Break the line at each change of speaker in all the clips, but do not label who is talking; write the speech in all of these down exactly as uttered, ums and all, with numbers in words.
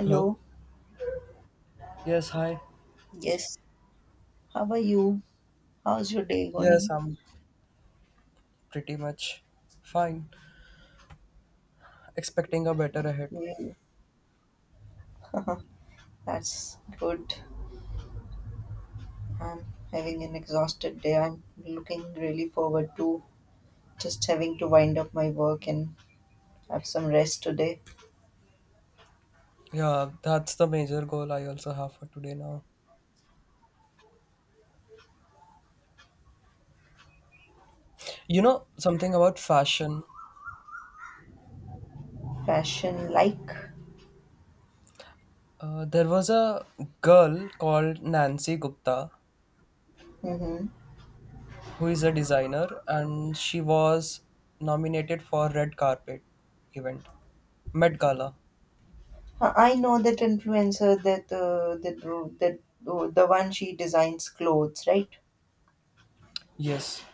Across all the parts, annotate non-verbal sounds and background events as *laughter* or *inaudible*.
Hello? Yes, hi.
Yes. How are you? How's your day
Yes,
going?
I'm pretty much fine. Expecting a better ahead.
Yeah. *laughs* That's good. I'm having an exhausted day. I'm looking really forward to just having to wind up my work and have some rest today.
Yeah, that's the major goal I also have for today now. You know, something about fashion.
Fashion like.
Uh, there was a girl called Nancy Gupta
Mm-hmm.
who is a designer and she was nominated for red carpet event. Met Gala.
I know that influencer that uh, that uh, that uh, the one she designs clothes, right?
Yes.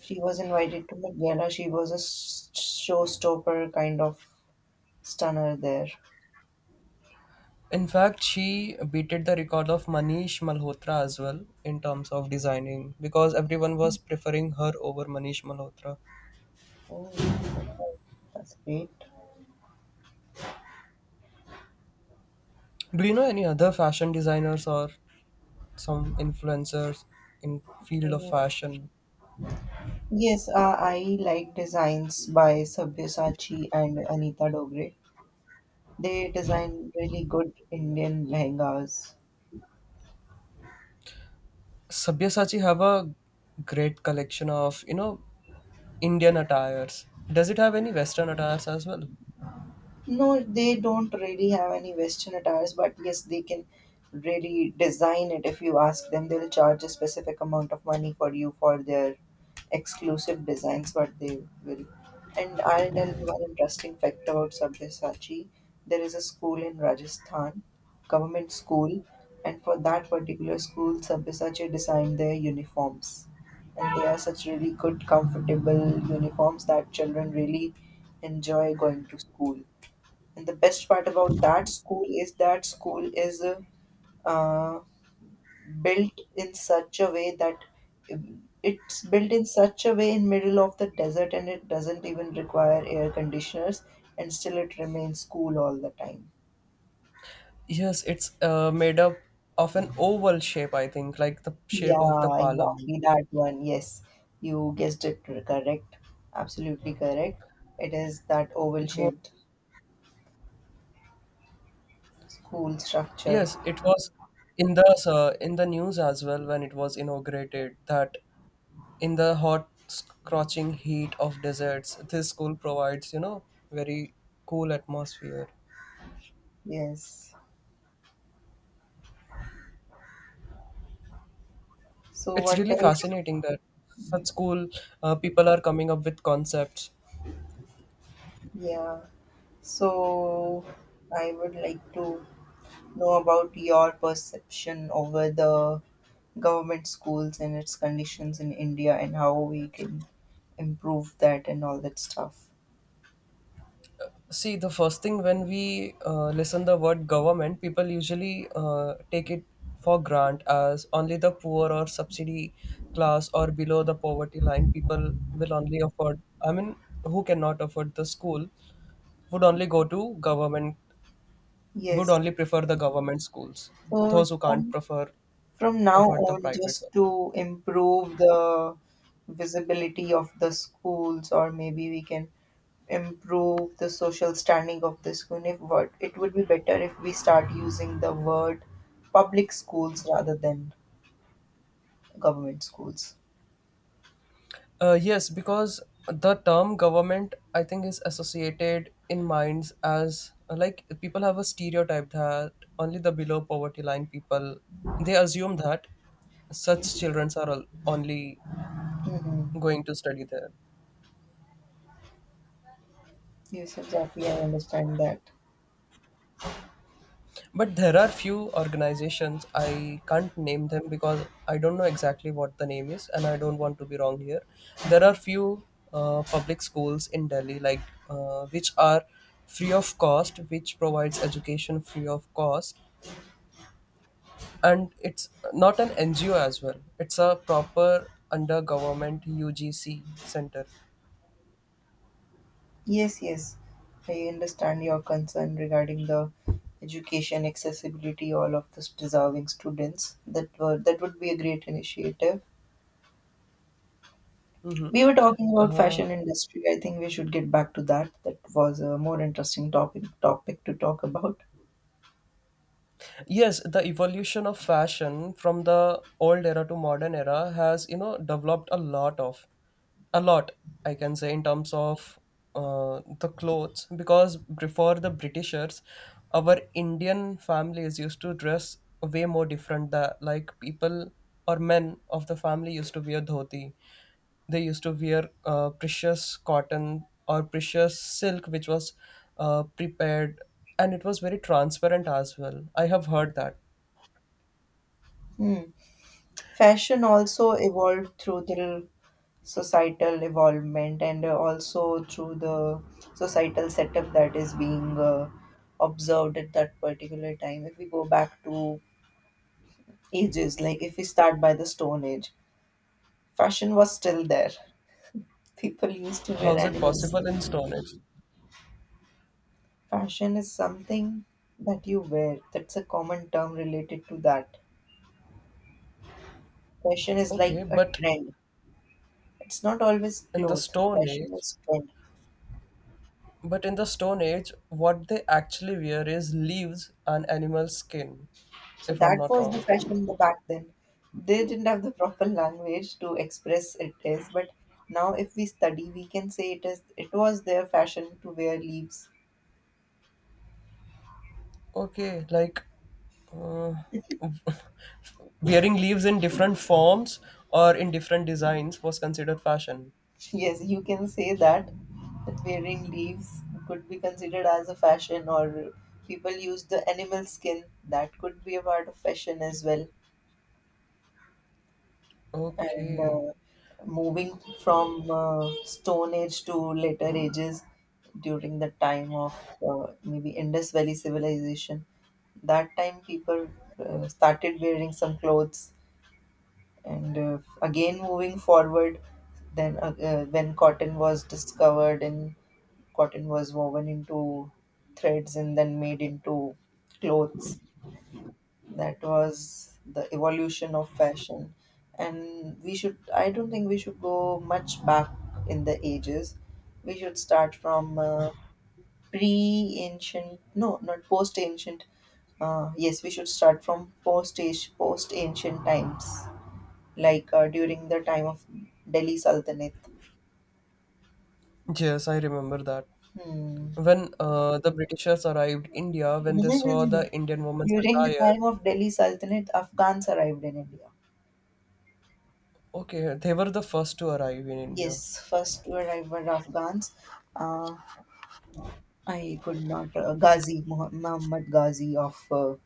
She was invited to Met Gala. She was a s- showstopper kind of stunner there.
In fact, she beated the record of Manish Malhotra as well in terms of designing because everyone was preferring her over Manish Malhotra.
Oh, that's great.
Do you know any other fashion designers or some influencers in field of
Mm,
fashion?
yes, uh, I like designs by Sabyasachi and Anita Dogre. They design really good Indian lehengas.
Sabyasachi have a great collection of, you know, Indian attires. Does it have any Western attires as well?
No, they don't really have any Western attires, but yes, they can really design it. If you ask them, they'll charge a specific amount of money for you for their exclusive designs, but they will. And I'll tell you one interesting fact about Sabyasachi. There is a school in Rajasthan, government school, and for that particular school, Sabyasachi designed their uniforms. And they are such really good, comfortable uniforms that children really enjoy going to school. And the best part about that school is that school is uh, uh, built in such a way that it's built in such a way in middle of the desert, and it doesn't even require air conditioners, and still it remains cool all the time.
Yes, it's uh, made up of an oval shape, I think, like the shape of the
Yeah,
parliament.
exactly that one. Yes, you guessed it correct. Absolutely correct. It is that oval
It was.
shaped school structure.
Yes, it was in the uh, in the news as well when it was inaugurated that in the hot scorching heat of deserts, this school provides you know very cool atmosphere.
Yes. So
It's
what
really
else?
fascinating that such school uh, people are coming up with concepts.
Yeah. So, I would like to know about your perception over the government schools and its conditions in India, and how we can improve that and all that stuff.
See, the first thing when we uh, listen the word government, people usually uh, take it for grant as only the poor or subsidy class or below the poverty line people will only afford. I mean, who cannot afford the school would only go to government, would
Yes.
only prefer the government schools.
So,
Those who can't
from,
prefer
from now
afford the
on,
private one.
just to improve the visibility of the schools, or maybe we can improve the social standing of the school, if what it would be better if we start using the word public schools rather than government schools.
Uh, yes, because the term government, I think, is associated in minds as uh, like people have a stereotype that only the below poverty line people they assume that such children are al- only
Hmm.
going to study there.
Yes, exactly. I understand that.
But there are few organizations, I can't name them because I don't know exactly what the name is and I don't want to be wrong here. There are few uh, public schools in Delhi, like uh, which are free of cost, which provides education free of cost. And it's not an N G O as well, it's a proper under government U G C center.
Yes, yes. I understand your concern regarding the education accessibility all of the deserving students. That were that would be a great initiative.
Mm-hmm.
We were talking about
Uh,
fashion industry. I think we should get back to that. That was a more interesting topic topic to talk about.
yes the evolution of fashion from the old era to modern era has you know developed a lot of a lot I can say in terms of uh, the clothes, because before the Britishers our Indian families used to dress way more different, that like people or men of the family used to wear dhoti. They used to wear uh, precious cotton or precious silk which was uh, prepared, and it was very transparent as well, I have heard that.
Hmm. Fashion also evolved through the societal evolvement, and uh, also through the societal setup that is being uh, observed at that particular time. If we go back to ages, like if we start by the Stone Age, fashion was still there. *laughs* People used to
How
wear
is it
animals.
possible in stone age?
Fashion is something that you wear. That's a common term related to that. Fashion is like
Okay,
a
but
trend. It's not always
in the
cloth.
stone
Fashion
age,
is trend.
but in the stone age what they actually wear is leaves and animal skin,
So
if I'm
that
not
was
wrong.
the fashion the back then. They didn't have the proper language to express it is, but now if we study, we can say it is. It was their fashion to wear leaves.
Okay, like uh, *laughs* wearing leaves in different forms or in different designs was considered fashion.
*laughs* Yes, you can say that that wearing leaves could be considered as a fashion, or people use the animal skin. That could be a part of fashion as well. And
Okay.
uh, moving from uh, Stone Age to later ages, during the time of uh, maybe Indus Valley civilization. That time people uh, started wearing some clothes, and uh, again moving forward, then uh, uh, when cotton was discovered and cotton was woven into threads and then made into clothes, that was the evolution of fashion. And we should I don't think we should go much back in the ages. We should start from uh, pre ancient, no, not post ancient, uh, yes, we should start from post post ancient times, like uh, during the time of Delhi Sultanate.
Yes, I remember that.
Hmm.
When uh, the Britishers arrived India, when they saw the Indian
*laughs*
woman's
During the
attire,
time of Delhi Sultanate, Afghans arrived in India.
okay, they were the first to arrive in India.
Yes, first to arrive were Afghans. Uh, I could not. Uh, Ghazi, Moh- Muhammad Ghazi of uh,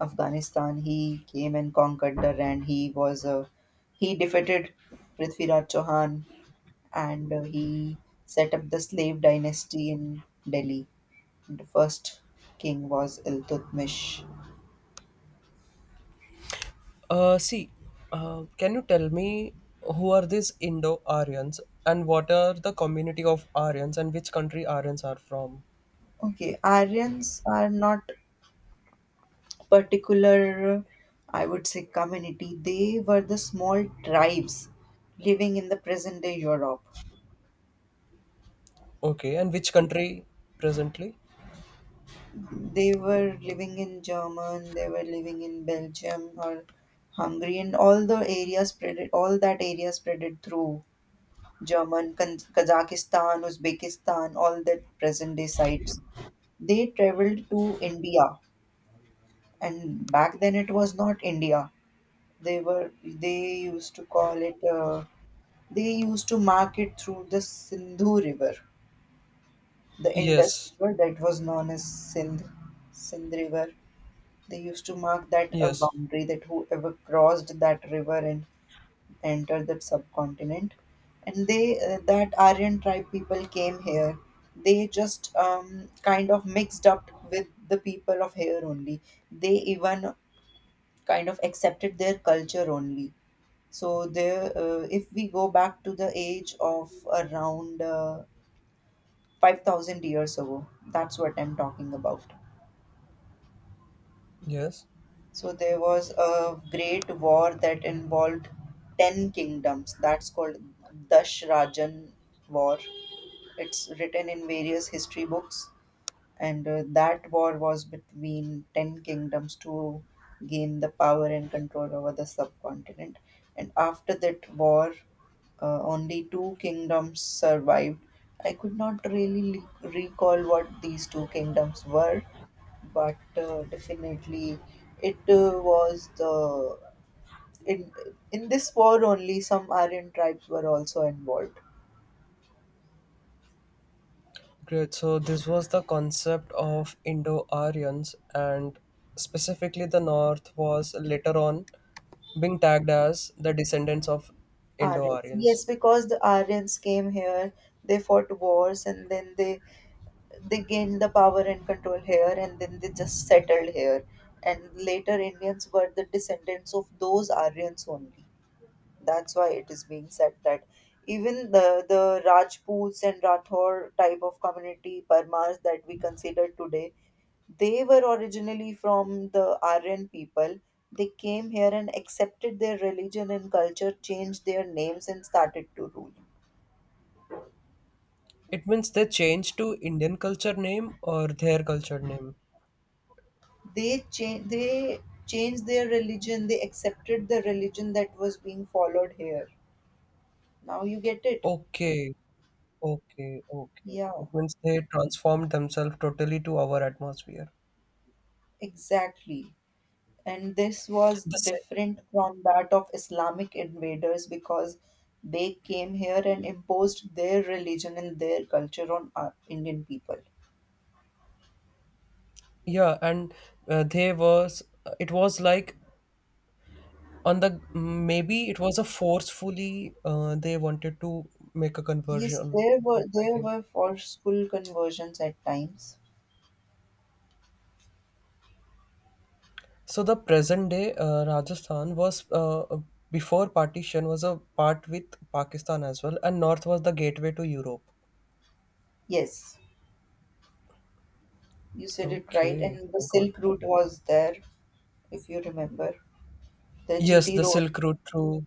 Afghanistan, he came and conquered the and he was uh, he defeated Prithviraj Chauhan, and uh, he set up the slave dynasty in Delhi. The first king was Iltutmish.
Uh, see, uh, can you tell me who are these Indo-Aryans and what are the community of Aryans and which country Aryans are from?
Okay, Aryans are not particular, I would say, community. They were the small tribes living in the present day Europe.
Okay, and which country presently?
They were living in German, they were living in Belgium or Hungary, and all the area spreaded, all that area spreaded through German, Kan- Kazakhstan, Uzbekistan, all that present day sites. They traveled to India, and back then it was not India. They were they used to call it. Uh, they used to mark it through the Sindhu River, the Indus
Yes,
River that was known as Sindh, Sindh River. They used to mark that a
yes,
boundary, that whoever crossed that river and entered the subcontinent, and they uh, that Aryan tribe people came here. They just um, kind of mixed up with the people of here only. They even kind of accepted their culture only. So there, uh, if we go back to the age of around uh, five thousand years ago, that's what I'm talking about.
yes.
So there was a great war that involved ten kingdoms. That's called Dashrajan War. It's written in various history books. And uh, that war was between ten kingdoms to gain the power and control over the subcontinent. And after that war, uh, only two kingdoms survived. I could not really le- recall what these two kingdoms were, but uh, definitely it uh, was the in in this war only some Aryan tribes were also involved.
Great. So this was the concept of Indo-Aryans, and specifically the North was later on being tagged as the descendants of
Aryans,
Indo-Aryans.
yes, because the Aryans came here, they fought wars, and then they they gained the power and control here, and then they just settled here. And later, Indians were the descendants of those Aryans only. That's why it is being said that even the the Rajputs and Rathore type of community, Parmars that we consider today. They were originally from the Aryan people. They came here and accepted their religion and culture, changed their names, and started to rule.
It means they changed to Indian culture name or their culture name.
They cha- they changed their religion. They accepted the religion that was being followed here. Now you get it.
Okay, okay, okay.
Yeah,
It means they transformed themselves totally to our atmosphere.
exactly. And this was
The sa-
different from that of Islamic invaders, because they came here and imposed their religion and their culture on our Indian people.
yeah, and uh, they was it was like on the maybe it was a forcefully uh, they wanted to make a
Yes,
conversion.
there were
I
there
think
were forceful conversions at times.
so the present day uh, Rajasthan was, uh, uh, before partition was a part with Pakistan as well, and north was the gateway to Europe.
Yes, you said it right.
Okay,
And the
I got.
Silk Route was there, if you remember. The
Yes,
G T
the
Road.
silk route through.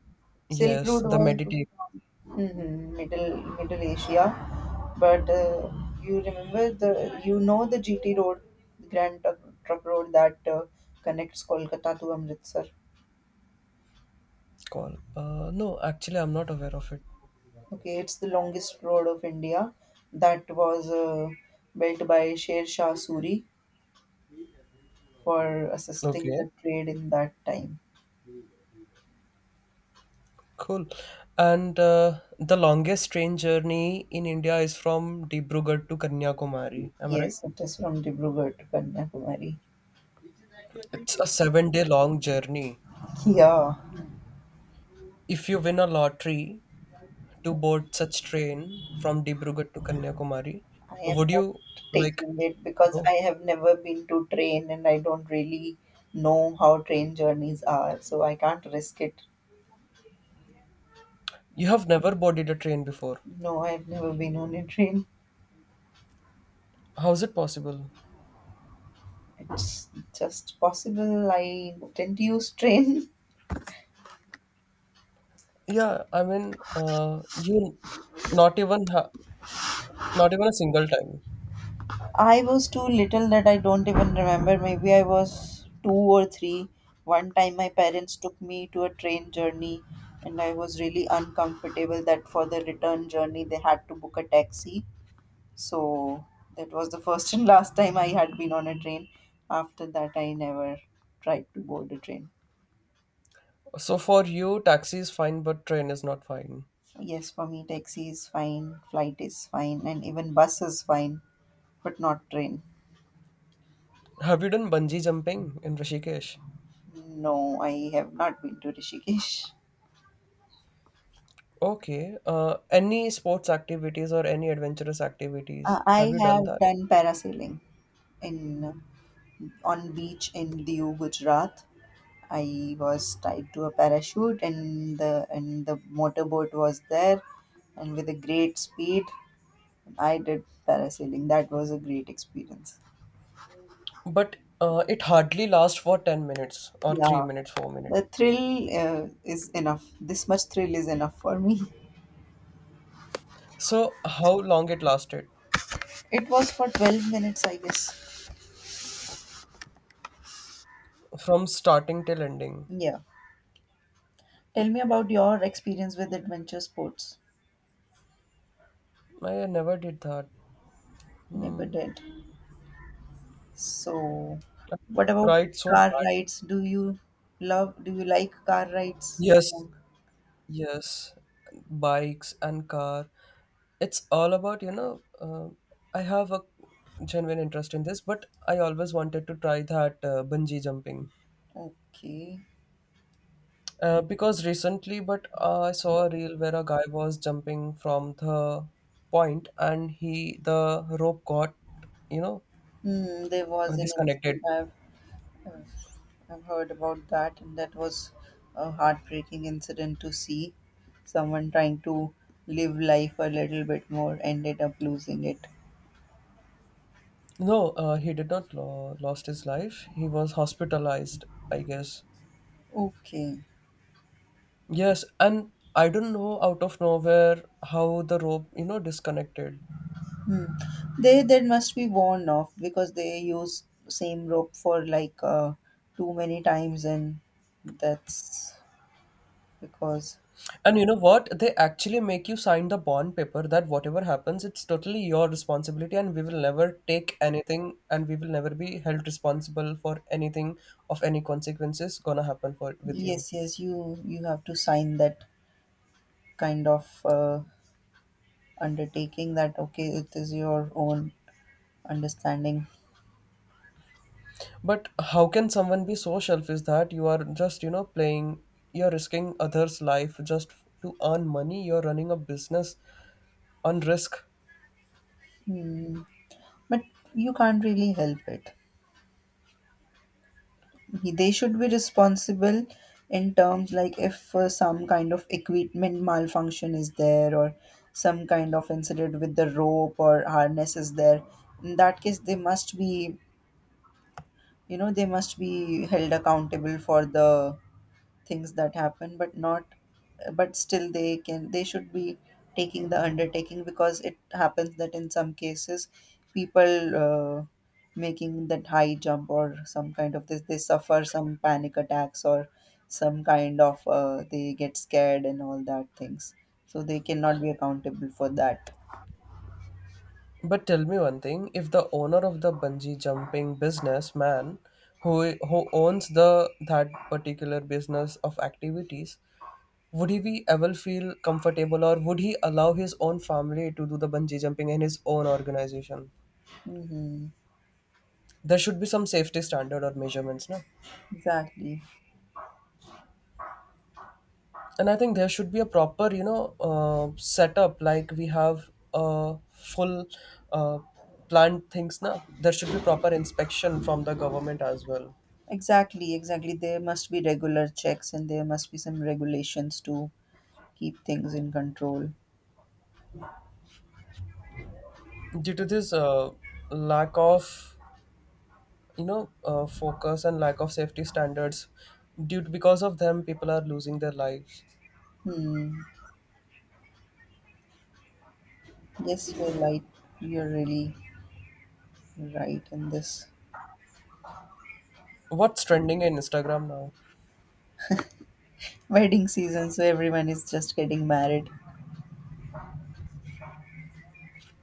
Silk
Yes, the
Route was
meditate.
hmm Middle Middle Asia. But uh, you remember the you know the G T Road, the Grand Truck, Truck Road that uh, connects Kolkata to Amritsar.
Call. Uh, no, actually I'm not aware of it.
Okay, it's the longest road of India that was uh, built by Sher Shah Suri for assisting
Okay.
the trade in that time.
Cool. And uh, the longest train journey in India is from Dibrugarh to Kanyakumari. Am I right?
Yes, it is from Dibrugarh to Kanyakumari.
It's a seven day long journey.
Yeah,
If you win a lottery to board such train from Dibrugarh to Kanyakumari,
I am
would
not
you like
taking it, because
go?
I have never been to train and I don't really know how train journeys are, so I can't risk it.
You have never boarded a train before.
No, I've never been on a train.
How is it possible?
It's just possible I didn't use train.
Yeah, I mean, uh, you not even ha not even a single time.
I was too little that I don't even remember. Maybe I was two or three. One time, my parents took me to a train journey, and I was really uncomfortable that for the return journey they had to book a taxi. So that was the first *laughs* and last time I had been on a train. After that, I never tried to board a train.
So for you, taxi is fine, but train is not fine.
Yes, for me, taxi is fine, flight is fine, and even bus is fine, but not train.
Have you done bungee jumping in Rishikesh?
No, I have not been to Rishikesh.
Okay. Uh, any sports activities or any adventurous activities?
Uh,
Have
I
you done
have
that?
done parasailing in uh, on beach in Diu, Gujarat. I was tied to a parachute, and the and the motorboat was there, and with a great speed, I did parasailing. That was a great experience.
But uh, it hardly lasts for ten minutes or
Yeah,
three minutes, four minutes.
the thrill uh, is enough. This much thrill is enough for me.
So, how long it lasted
*laughs* It was for twelve minutes, I guess.
from starting till ending?
Yeah. Tell me about your experience with adventure sports.
I never did that.
Never
Hmm.
did. So,
I
what about
tried so
car
bad.
rides? Do you love, do you like car rides?
Yes, yes, bikes and car. It's all about, you know, uh, I have a genuine interest in this, but I always wanted to try that uh, bungee jumping.
Okay.
Uh, because recently, but uh, I saw a reel where a guy was jumping from the point and he, the rope got, you know,
Hmm, there
uh,
was an
disconnected.
incident I've, I've I've heard about that, and that was a heartbreaking incident to see. Someone trying to live life a little bit more ended up losing it.
No, uh, he did not lo- lost his life. He was hospitalized, I guess.
Okay.
Yes, and I don't know out of nowhere how the rope, you know, disconnected.
Hmm. They they must be worn off, because they use same rope for like uh, too many times, and that's because.
And you know what? They actually make you sign the bond paper that whatever happens, it's totally your responsibility and we will never take anything and we will never be held responsible for anything of any consequences gonna happen for with you.
Yes, yes, you you have to sign that kind of uh, undertaking, that okay, it is your own understanding.
But how can someone be so selfish that you are just, you know, playing, you're risking others' life just to earn money, you're running a business on risk.
Hmm. But you can't really help it. He- they should be responsible in terms, like if uh, some kind of equipment malfunction is there, or some kind of incident with the rope or harness is there, in that case they must be you know they must be held accountable for the things that happen, but not, but still they can they should be taking the undertaking, because it happens that in some cases people uh, making that high jump or some kind of this, they suffer some panic attacks, or some kind of uh, they get scared and all that things, so they cannot be accountable for that.
But tell me one thing, if the owner of the bungee jumping businessman who who owns the that particular business of activities, would he be ever feel comfortable or would he allow his own family to do the bungee jumping in his own organization?
Mm-hmm.
There should be some safety standard or measurements, no?
Exactly.
And I think there should be a proper, you know, uh, setup like we have a full uh, plant things, now. There should be proper inspection from the government as well.
Exactly, exactly. There must be regular checks and there must be some regulations to keep things in control.
Due to this uh, lack of you know uh, focus and lack of safety standards, due to, because of them people are losing their lives.
Hmm. Yes, you're right. You're really right in this.
What's trending in Instagram now?
Wedding season, so everyone is just getting married.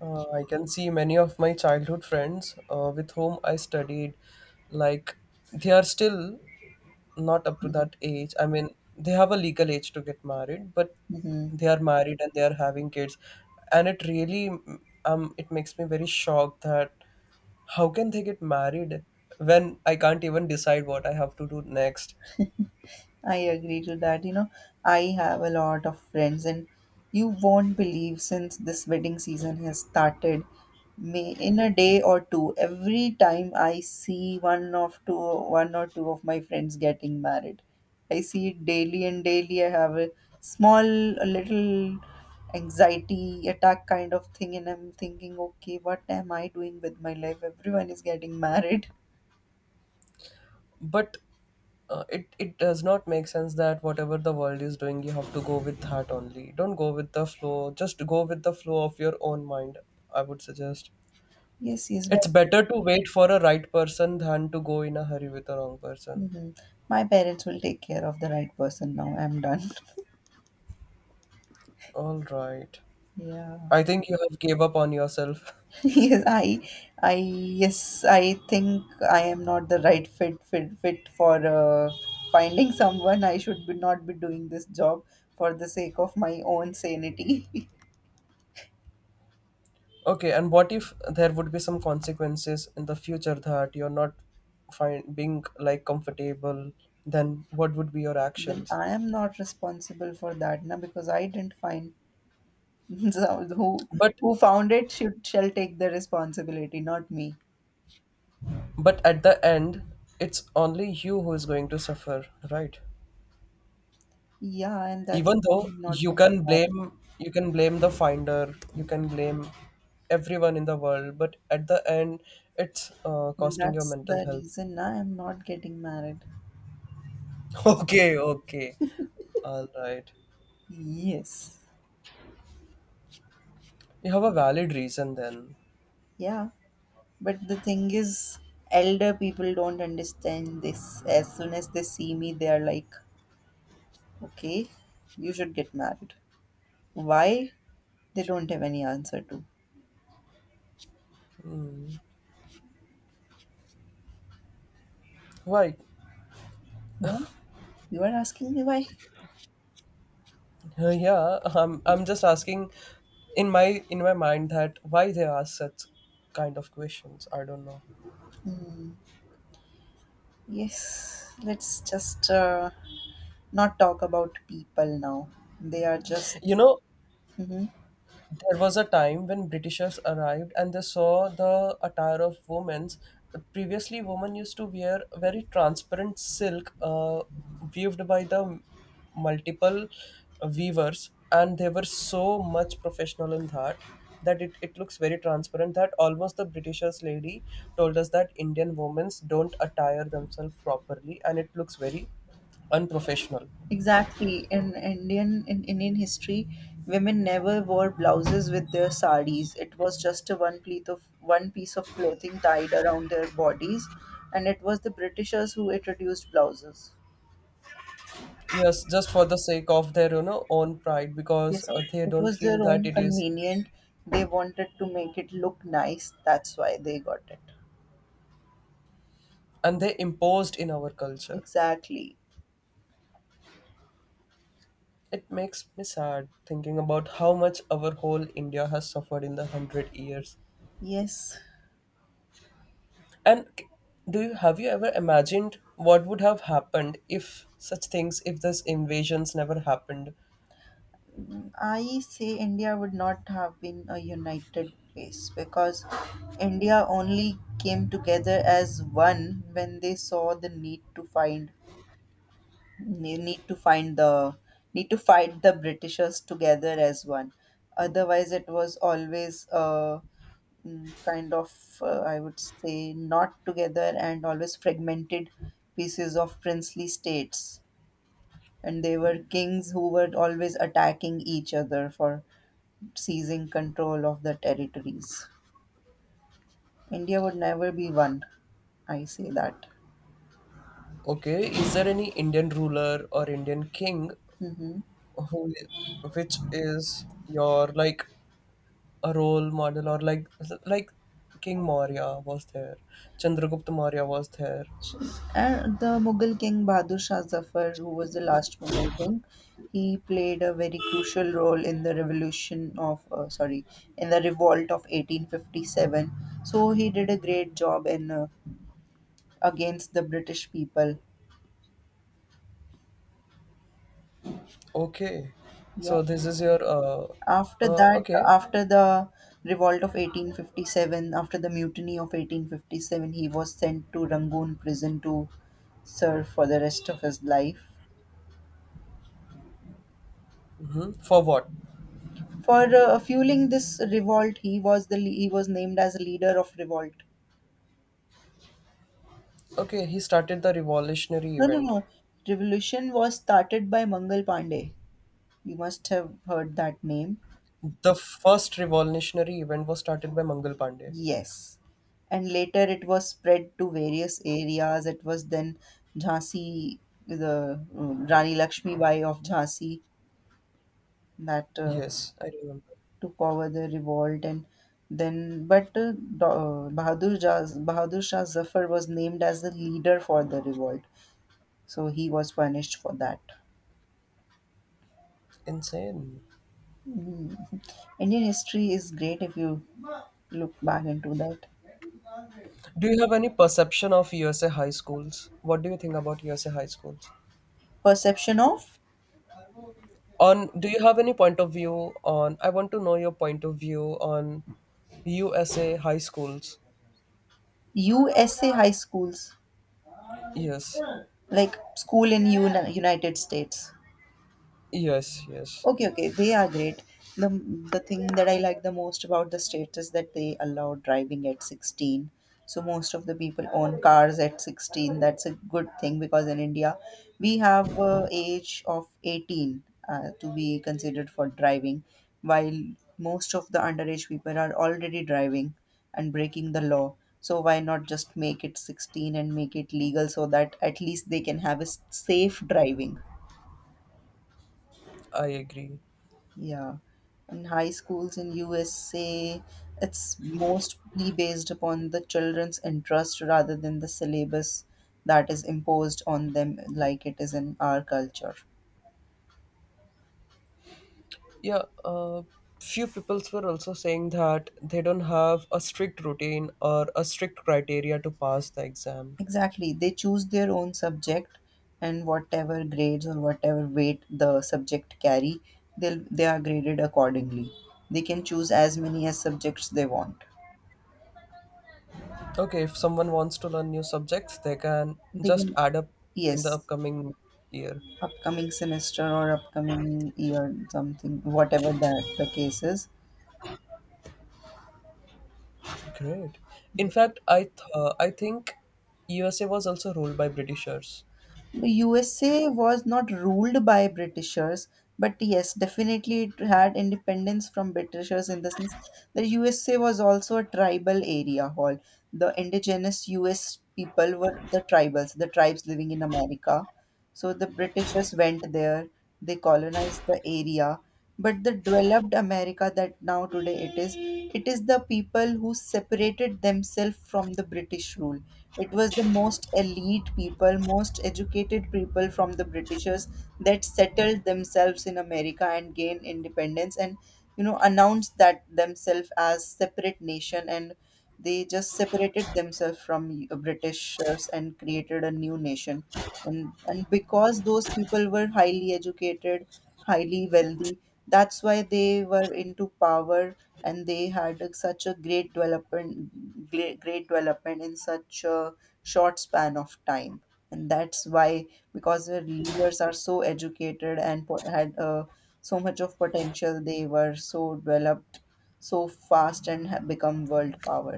uh, I can see many of my childhood friends uh, with whom I studied, like they are still not up to that age. I mean, they have a legal age to get married, but
Hmm.
they are married and they are having kids, and it really um it makes me very shocked that how can they get married when I can't even decide what I have to do next.
I agree to that. You know, I have a lot of friends, and you won't believe since this wedding season has started. May in a day or two, every time I see one of two, one or two of my friends getting married, I see it daily and daily. I have a small, a little anxiety attack kind of thing, and I'm thinking, okay, what am I doing with my life? Everyone is getting married.
But uh, it it does not make sense that whatever the world is doing, you have to go with that only. Don't go with the flow. Just go with the flow of your own mind. I would suggest.
*laughs* Yes, yes, but
It's better to wait for a right person than to go in a hurry with the wrong person.
mhm. My parents will take care of the right person now. I'm done. *laughs*
All right.
Yeah.
I think you have gave up on yourself. *laughs*
*laughs* Yes, I, I, yes, I think I am not the right fit, fit, fit for uh, finding someone. I should be not be doing this job for the sake of my own sanity. *laughs*
Okay, and what if there would be some consequences in the future that you're not find being like comfortable, then what would be your
Then
actions?
I am not responsible for that now because I didn't find. *laughs* So who
But
who found it should shall take the responsibility, not me.
but at the end, it's only you who is going to suffer, right?
Yeah, and that's
Even
why
though
I'm not
you
coming.
can blame you can blame the finder, you can blame everyone in the world, but at the end, it's uh, costing your
That's
mental
the
health.
reason I am not getting married.
*laughs* Okay, okay. All right.
Yes.
You have a valid reason then.
Yeah. But the thing is, elder people don't understand this. As soon as they see me, they are like, okay, you should get married. Why? They don't have any answer to.
Why?
Why? You are asking me why?
Uh, Yeah, I'm I'm just asking in my in my mind that why they ask such kind of questions. I don't know.
Hmm. Yes. Let's just uh, not talk about people now. They are just.
You know,
Mhm.
there was a time when Britishers arrived and they saw the attire of women's. Previously, women used to wear very transparent silk uh, weaved by the multiple weavers, and they were so much professional in that that it, it looks very transparent that almost the Britishers lady told us that Indian women's don't attire themselves properly and it looks very unprofessional.
Exactly. In Indian in Indian history, women never wore blouses with their saris. It was just a one pleat of one piece of clothing tied around their bodies, and it was the Britishers who introduced blouses.
Yes, just for the sake of their, you know, own pride because
Yes, of—
uh, they
it
don't
was
feel
their
that
own
it is,
convenient. They wanted to make it look nice. That's why they got it.
and they imposed in our culture.
Exactly.
It makes me sad thinking about how much our whole India has suffered in the hundred years.
Yes.
And c- do you have you ever imagined what would have happened if such things, if this invasions never happened?
I say India would not have been a united place because India only came together as one when they saw the need to find ne- need to find the need to fight the Britishers together as one. Otherwise, it was always a mm, kind of uh, I would say not together and always fragmented pieces of princely states, and they were kings who were always attacking each other for seizing control of the territories. India would never be one. I say that.
Okay, is there any Indian ruler or Indian king
Hmm.
who, which is your like a role model or like like King Maurya was there, Chandragupta Maurya was there.
And the Mughal king Bahadur Shah Zafar, who was the last Mughal king, he played a very crucial role in the revolution of, uh, sorry, in the revolt of eighteen fifty-seven. So he did a great job in uh, against the British people.
Okay,
Yeah.
so this is your uh,
After
uh
that,
okay.
after the revolt of eighteen fifty-seven, after the mutiny of eighteen fifty-seven, he was sent to Rangoon prison to serve for the rest of his life.
hmm for what?
For uh, fueling this revolt, he was the le- he was named as a leader of revolt.
Okay, he started the revolutionary
No, no,
event.
no. Revolution was started by Mangal Pandey. You must have heard that name.
The first revolutionary event was started by Mangal Pandey.
Yes. And later it was spread to various areas. It was then Jhansi, the uh, Rani Lakshmibai of Jhansi that uh,
Yes, I remember.
took over the revolt. And then, but uh, Do- uh, Bahadur, Jah, Bahadur Shah Zafar was named as the leader for the revolt. So he was punished for that.
Insane.
Mm. Indian history is great if you look back into that.
Do you have any perception of U S A high schools? What do you think about U S A high schools?
Perception of
On do you have any point of view on I want to know your point of view on USA high schools.
U S A high schools,
Yes,
like school in Uni- United States.
yes, yes.
Okay, okay, they are great. The the thing that I like the most about the state is that they allow driving at sixteen. So most of the people own cars at sixteen. That's a good thing because in India we have uh, age of eighteen uh, to be considered for driving, while most of the underage people are already driving and breaking the law. So why not just make it sixteen and make it legal so that at least they can have a s- safe driving?
I agree.
Yeah. In high schools in U S A, it's mostly based upon the children's interest rather than the syllabus that is imposed on them like it is in our culture.
Yeah, uh, few peoples were also saying that they don't have a strict routine or a strict criteria to pass the exam.
Exactly. They choose their own subject and whatever grades or whatever weight the subject carry, they'll they are graded accordingly. They can choose as many as subjects they want.
Okay, if someone wants to learn new subjects they can
They
just
can,
add up in the
yes.
upcoming year.
Upcoming semester or upcoming year, something whatever that the case is.
Great. In fact, i th- uh, i think USA was also ruled by Britishers.
The U S A was not ruled by Britishers, but yes, definitely it had independence from Britishers in the sense that U S A was also a tribal area hall. The indigenous U S people were the tribals, the tribes living in America. So the Britishers went there, they colonized the area. But the developed America that now today it is, it is the people who separated themselves from the British rule. It was the most elite people, most educated people from the Britishers that settled themselves in America and gained independence and, you know, announced that themselves as separate nation and they just separated themselves from uh, Britishers and created a new nation. And and because those people were highly educated, highly wealthy, that's why they were into power, and they had a- such a great development, great, great development in such a short span of time. And that's why, because their leaders are so educated and po- had uh, so much of potential, they were so developed so fast and have become world power.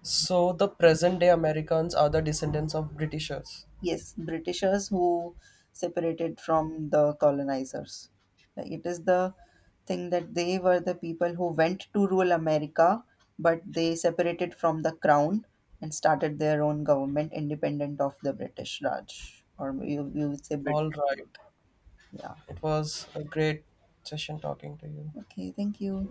So the present day Americans are the descendants of Britishers.
Yes, Britishers who separated from the colonizers. Like, it is the thing that they were the people who went to rule America, but they separated from the crown and started their own government independent of the British Raj, or you, you would say
All
British.
right.
Yeah.
It was a great session talking to you.
Okay, thank you.